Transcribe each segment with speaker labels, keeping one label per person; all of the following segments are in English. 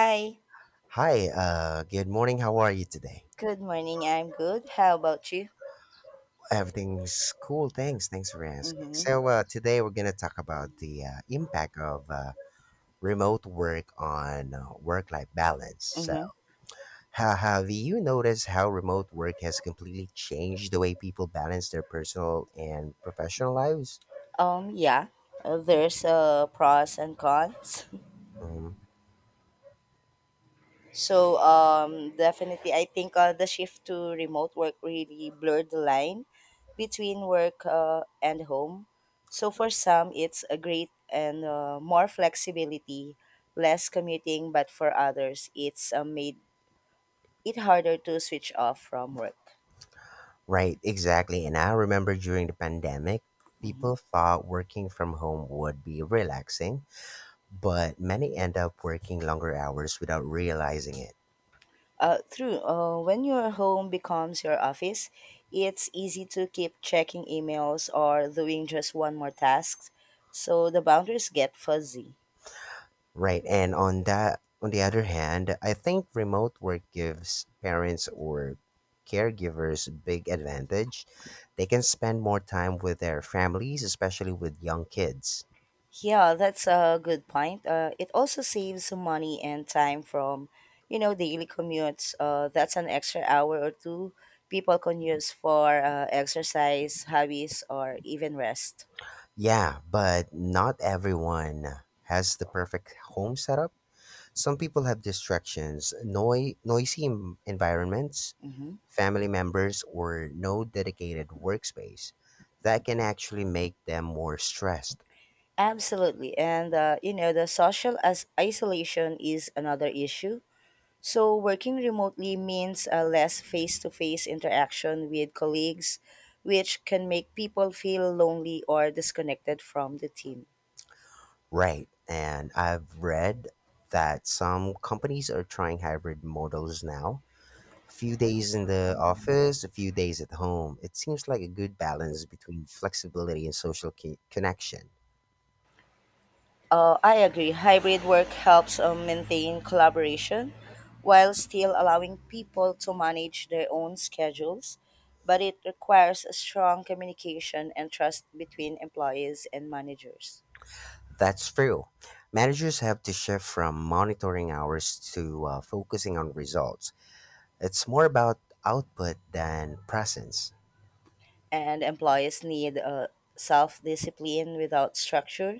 Speaker 1: Hi,
Speaker 2: Hi, good morning. How are you today?
Speaker 1: good morning. I'm good. How about you?
Speaker 2: Everything's cool. Thanks. Thanks for asking.
Speaker 1: Mm-hmm.
Speaker 2: So, today we're going to talk about the impact of remote work on work life balance. So,
Speaker 1: Mm-hmm.
Speaker 2: have you noticed how remote work has completely changed the way people balance their personal and professional lives?
Speaker 1: Yeah. There's pros and cons.
Speaker 2: Mm,
Speaker 1: So definitely I think the shift to remote work really blurred the line between work and home. So for some it's a great and more flexibility, less commuting, but for others it's made it harder to switch off from work.
Speaker 2: right, exactly. And I remember during the pandemic, people thought working from home would be relaxing but many end up working longer hours without realizing it.
Speaker 1: True. When your home becomes your office, it's easy to keep checking emails or doing just one more task, so the boundaries get fuzzy.
Speaker 2: Right. And on the other hand, I think remote work gives parents or caregivers a big advantage. They can spend more time with their families, especially with young kids.
Speaker 1: Yeah, that's a good point. It also saves some money and time from, you know, daily commutes. That's an extra hour or two people can use for exercise, hobbies, or even rest.
Speaker 2: Yeah, but not everyone has the perfect home setup. Some people have distractions, noisy environments, family members, or no dedicated workspace. That can actually make them more stressed.
Speaker 1: Absolutely. And, you know, the social as isolation is another issue. So, working remotely means a less face to face interaction with colleagues, which can make people feel lonely or disconnected from the team.
Speaker 2: Right. And I've read that some companies are trying hybrid models now. A few days in the office, a few days at home. It seems like a good balance between flexibility and social connection.
Speaker 1: I agree. Hybrid work helps maintain collaboration while still allowing people to manage their own schedules, but it requires a strong communication and trust between employees and managers.
Speaker 2: That's true. Managers have to shift from monitoring hours to focusing on results. It's more about output than presence.
Speaker 1: And employees need self discipline without structure,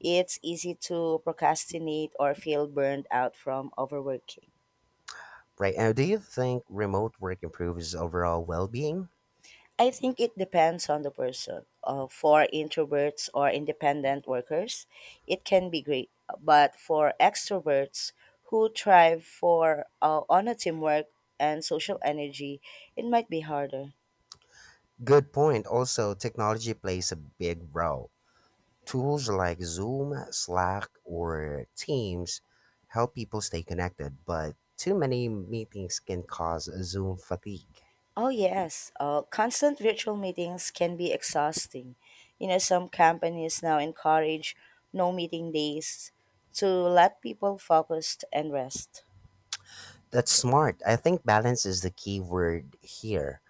Speaker 1: it's easy to procrastinate or feel burned out from overworking.
Speaker 2: Right. Now, do you think remote work improves overall well being?
Speaker 1: I think it depends on the person. For introverts or independent workers, it can be great. But for extroverts who thrive for on a teamwork and social energy, it might be harder.
Speaker 2: Good point. Also, technology plays a big role. Tools like Zoom, Slack, or Teams help people stay connected, but too many meetings can cause Zoom fatigue.
Speaker 1: Oh, yes. Constant virtual meetings can be exhausting. You know, some companies now encourage no meeting days to let people focus and rest.
Speaker 2: That's smart. I think balance is the key word here.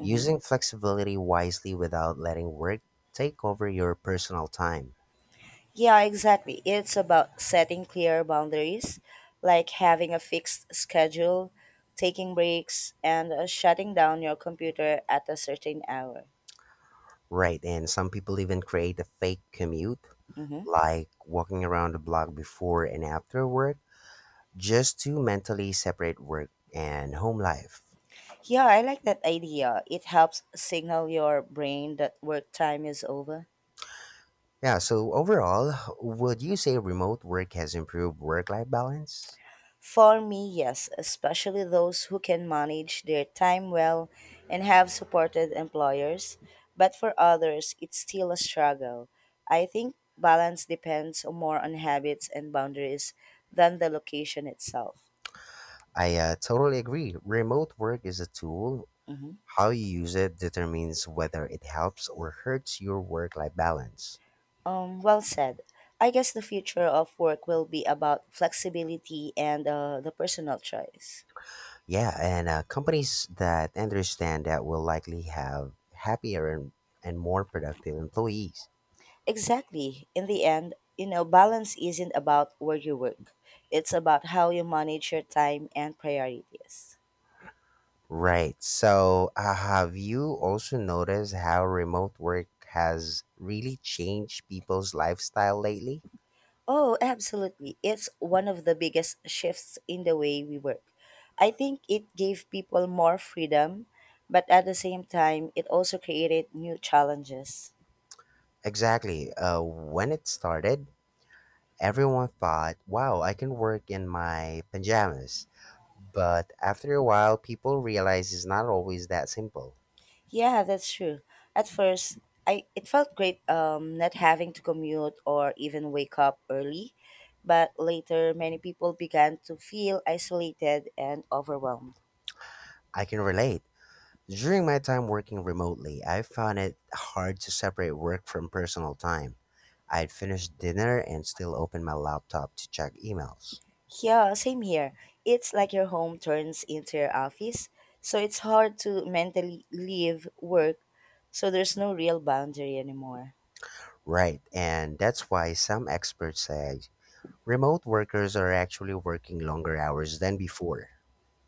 Speaker 2: Using flexibility wisely without letting work take over your personal time.
Speaker 1: Yeah, exactly. It's about setting clear boundaries, like having a fixed schedule, taking breaks, and shutting down your computer at a certain hour.
Speaker 2: Right, and some people even create a fake commute like walking around the block before and after work just to mentally separate work and home life.
Speaker 1: Yeah, I like that idea. It helps signal your brain that work time is over.
Speaker 2: Yeah, so overall, would you say remote work has improved work life balance?
Speaker 1: For me, yes, especially those who can manage their time well and have supported employers. But for others, it's still a struggle. I think balance depends more on habits and boundaries than the location itself.
Speaker 2: I totally agree. Remote work is a tool. How you use it determines whether it helps or hurts your work life balance.
Speaker 1: Well said. I guess the future of work will be about flexibility and the personal choice.
Speaker 2: Yeah, and companies that understand that will likely have happier and more productive employees.
Speaker 1: Exactly. In the end, you know, balance isn't about where you work. It's about how you manage your time and priorities.
Speaker 2: Right. So, have you also noticed how remote work has really changed people's lifestyle lately?
Speaker 1: Oh, absolutely. It's one of the biggest shifts in the way we work. I think it gave people more freedom, but at the same time, it also created new challenges.
Speaker 2: Exactly. When it started, everyone thought, wow, I can work in my pajamas. But after a while, people realize it's not always that simple.
Speaker 1: Yeah, that's true. At first, I it felt great not having to commute or even wake up early, but later many people began to feel isolated and overwhelmed.
Speaker 2: I can relate. During my time working remotely, I found it hard to separate work from personal time. I'd finish dinner and still open my laptop to check emails.
Speaker 1: Yeah, same here. It's like your home turns into your office, so it's hard to mentally leave work, so there's no real boundary anymore.
Speaker 2: Right, and that's why some experts say remote workers are actually working longer hours than before.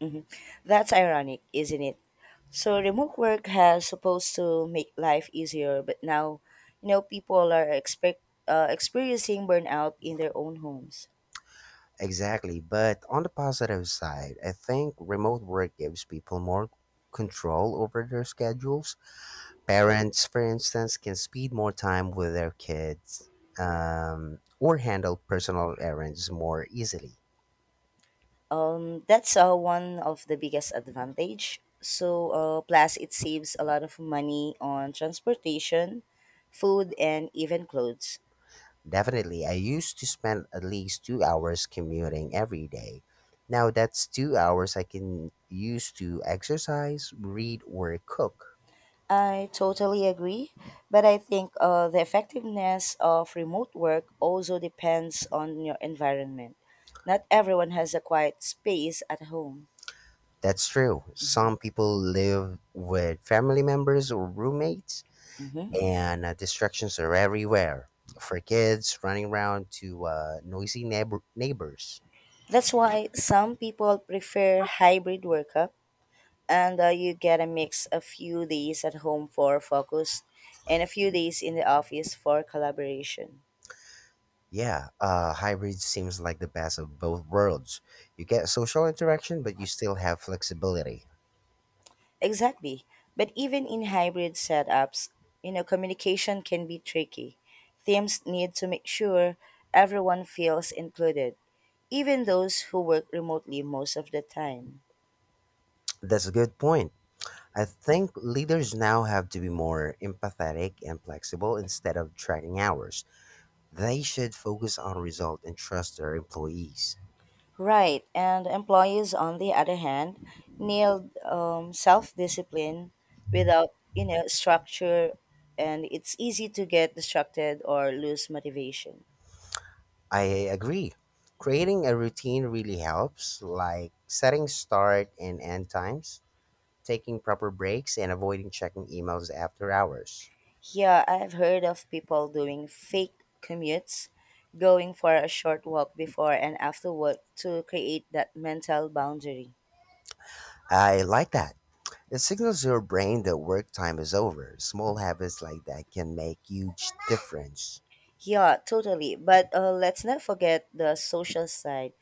Speaker 1: Mhm. That's ironic, isn't it? So remote work has supposed to make life easier, but now, you know, people are expect experiencing burnout in their own homes.
Speaker 2: Exactly, but on the positive side, I think remote work gives people more control over their schedules. Parents, for instance, can spend more time with their kids or handle personal errands more easily.
Speaker 1: That's one of the biggest advantage. So plus it saves a lot of money on transportation, food, and even clothes.
Speaker 2: Definitely, I used to spend at least 2 hours commuting every day. Now that's 2 hours I can use to exercise, read, or cook.
Speaker 1: I totally agree, but I think the effectiveness of remote work also depends on your environment. Not everyone has a quiet space at home.
Speaker 2: That's true. Some people live with family members or roommates, and distractions are everywhere. For kids, running around to noisy neighbors.
Speaker 1: That's why some people prefer hybrid workup, and you get a mix a few days at home for focus and a few days in the office for collaboration.
Speaker 2: Yeah, hybrid seems like the best of both worlds. You get social interaction, but you still have flexibility.
Speaker 1: Exactly. But even in hybrid setups, you know, communication can be tricky. Teams need to make sure everyone feels included, even those who work remotely most of the time.
Speaker 2: That's a good point. I think leaders now have to be more empathetic and flexible instead of tracking hours. They should focus on results and trust their employees.
Speaker 1: Right. And employees, on the other hand, nailed self discipline without, you know, structure. And it's easy to get distracted or lose motivation.
Speaker 2: I agree. Creating a routine really helps, like setting start and end times, taking proper breaks, and avoiding checking emails after hours.
Speaker 1: Yeah, I've heard of people doing fake commutes, going for a short walk before and after work to create that mental boundary.
Speaker 2: I like that. It signals your brain that work time is over. Small habits like that can make huge difference.
Speaker 1: Yeah, totally. But let's not forget the social side.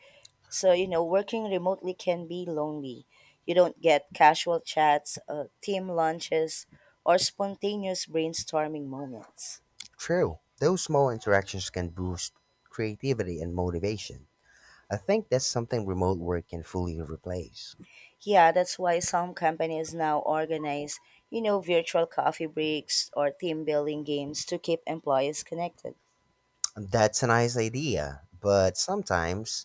Speaker 1: So, you know, working remotely can be lonely. You don't get casual chats, team lunches, or spontaneous brainstorming moments.
Speaker 2: True, those small interactions can boost creativity and motivation. I think that's something remote work can fully replace.
Speaker 1: Yeah, that's why some companies now organize, you know, virtual coffee breaks or team building games to keep employees connected.
Speaker 2: That's a nice idea, but sometimes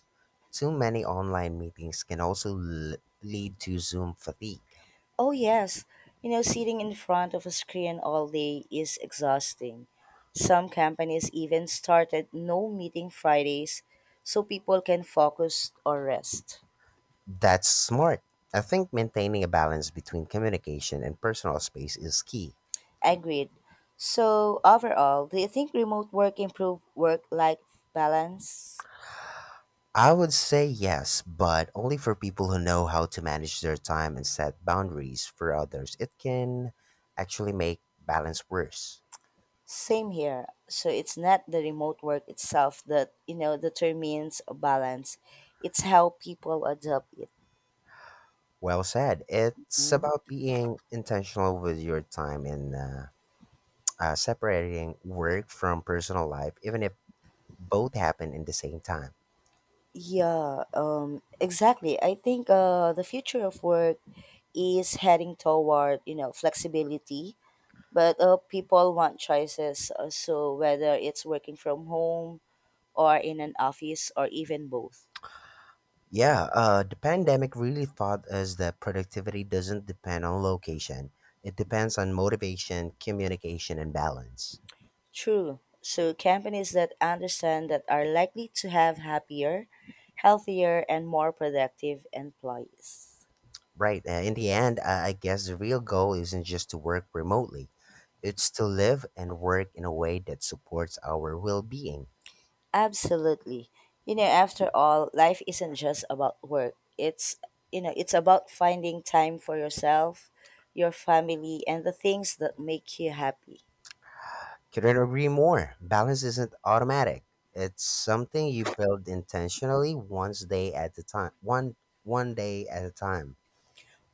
Speaker 2: too many online meetings can also lead to Zoom fatigue.
Speaker 1: Oh, yes. You know, sitting in front of a screen all day is exhausting. Some companies even started no meeting Fridays so people can focus or rest.
Speaker 2: That's smart. I think maintaining a balance between communication and personal space is key.
Speaker 1: Agreed. So, overall, do you think remote work improve work life balance?
Speaker 2: I would say yes, but only for people who know how to manage their time and set boundaries. For others, it can actually make balance worse.
Speaker 1: Same here. So it's not the remote work itself that, you know, determines a balance. It's how people adopt it.
Speaker 2: Well said. It's
Speaker 1: Mm.
Speaker 2: about being intentional with your time and separating work from personal life, even if both happen in the same time.
Speaker 1: Yeah, exactly. I think the future of work is heading toward, you know, flexibility. But people want choices. So whether it's working from home or in an office or even both.
Speaker 2: Yeah, the pandemic really taught us that productivity doesn't depend on location, it depends on motivation, communication, and balance.
Speaker 1: True. So companies that understand that are likely to have happier, healthier, and more productive employees.
Speaker 2: Right. In the end, I guess the real goal isn't just to work remotely, it's to live and work in a way that supports our well being.
Speaker 1: Absolutely. You know, after all, life isn't just about work. It's, you know, it's about finding time for yourself, your family, and the things that make you happy.
Speaker 2: Couldn't agree more. Balance isn't automatic. It's something you build intentionally once day at a time one day at a time.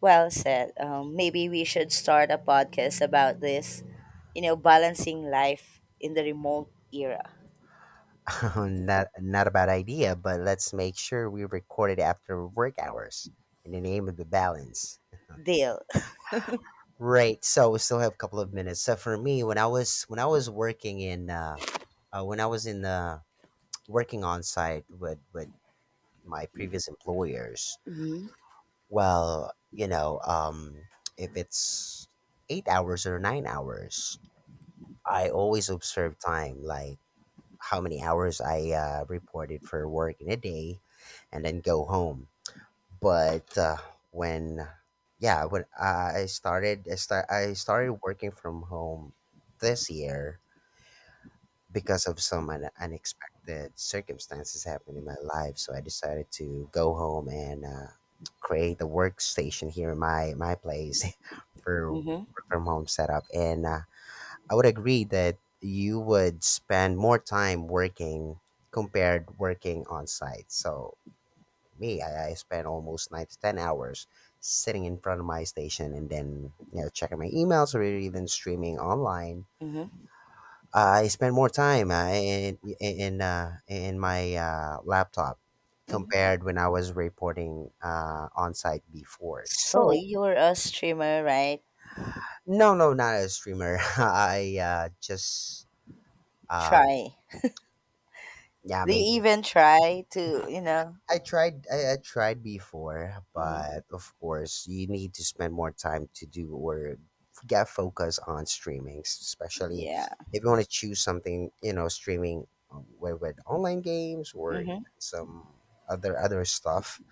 Speaker 1: Well said. Maybe we should start a podcast about this, you know, balancing life in the remote era.
Speaker 2: not a bad idea, but let's make sure we record it after work hours in the name of the balance.
Speaker 1: Deal.
Speaker 2: Right. So we still have a couple of minutes. So for me, when I was working in when I was in the working on site with my previous employers, well, you know, if it's 8 hours or 9 hours, I always observe time, like how many hours I reported for work in a day, and then go home. But when yeah when I started I started working from home this year because of some unexpected circumstances happened in my life so I decided to go home and create a workstation here in my place for
Speaker 1: Mm-hmm.
Speaker 2: work from home setup and I would agree that you would spend more time working compared working on site so me, I spent almost 9 to 10 hours sitting in front of my station and then you know checking my emails or even streaming online.
Speaker 1: Mm-hmm.
Speaker 2: I spent more time in my laptop compared when I was reporting on site before.
Speaker 1: So
Speaker 2: So
Speaker 1: you're a streamer, right?
Speaker 2: no, no, not a streamer. I just um,
Speaker 1: Try.
Speaker 2: yeah,
Speaker 1: They
Speaker 2: maybe
Speaker 1: even try to, you know.
Speaker 2: I, tried before,
Speaker 1: Hmm.
Speaker 2: but of course you need to spend more time to do or get focus on streaming, especially
Speaker 1: Yeah.
Speaker 2: if you want to choose something, you know, streaming with online games or
Speaker 1: Mm-hmm.
Speaker 2: some other stuff.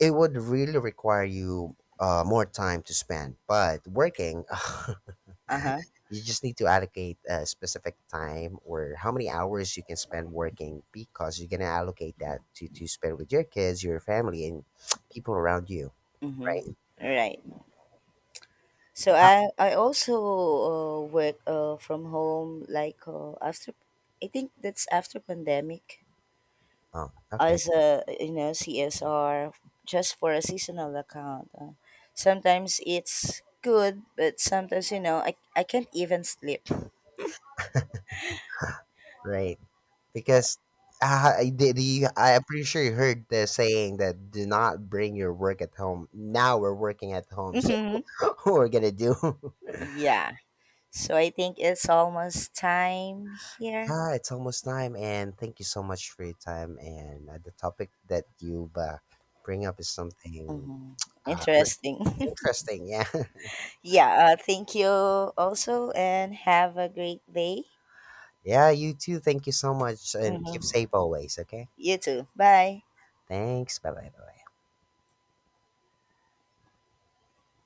Speaker 2: It would really require you more time to spend. But working
Speaker 1: Uh-huh.
Speaker 2: You just need to allocate a specific time or how many hours you can spend working because you're gonna allocate that to spend with your kids, your family, and people around you, right?
Speaker 1: Mm-hmm. Right. So
Speaker 2: How-
Speaker 1: I also work from home like after I think that's after pandemic
Speaker 2: Oh, okay,
Speaker 1: as a you know CSR just for a seasonal account. Sometimes it's good, but sometimes you know I can't even sleep.
Speaker 2: right. Because the, I'm pretty sure you heard the saying that do not bring your work at home. Now we're working at home, so
Speaker 1: Mm-hmm.
Speaker 2: what we're gonna do.
Speaker 1: Yeah. So I think it's almost time here.
Speaker 2: Yeah, it's almost time, and thank you so much for your time. And the topic that you bring up is something uh,
Speaker 1: Interesting.
Speaker 2: Interesting. Yeah.
Speaker 1: Yeah, thank you also and have a great day.
Speaker 2: Yeah, you too. Thank you so much and
Speaker 1: Hmm.
Speaker 2: keep safe always, okay?
Speaker 1: You too. Bye.
Speaker 2: Thanks. Bye bye. Bye bye.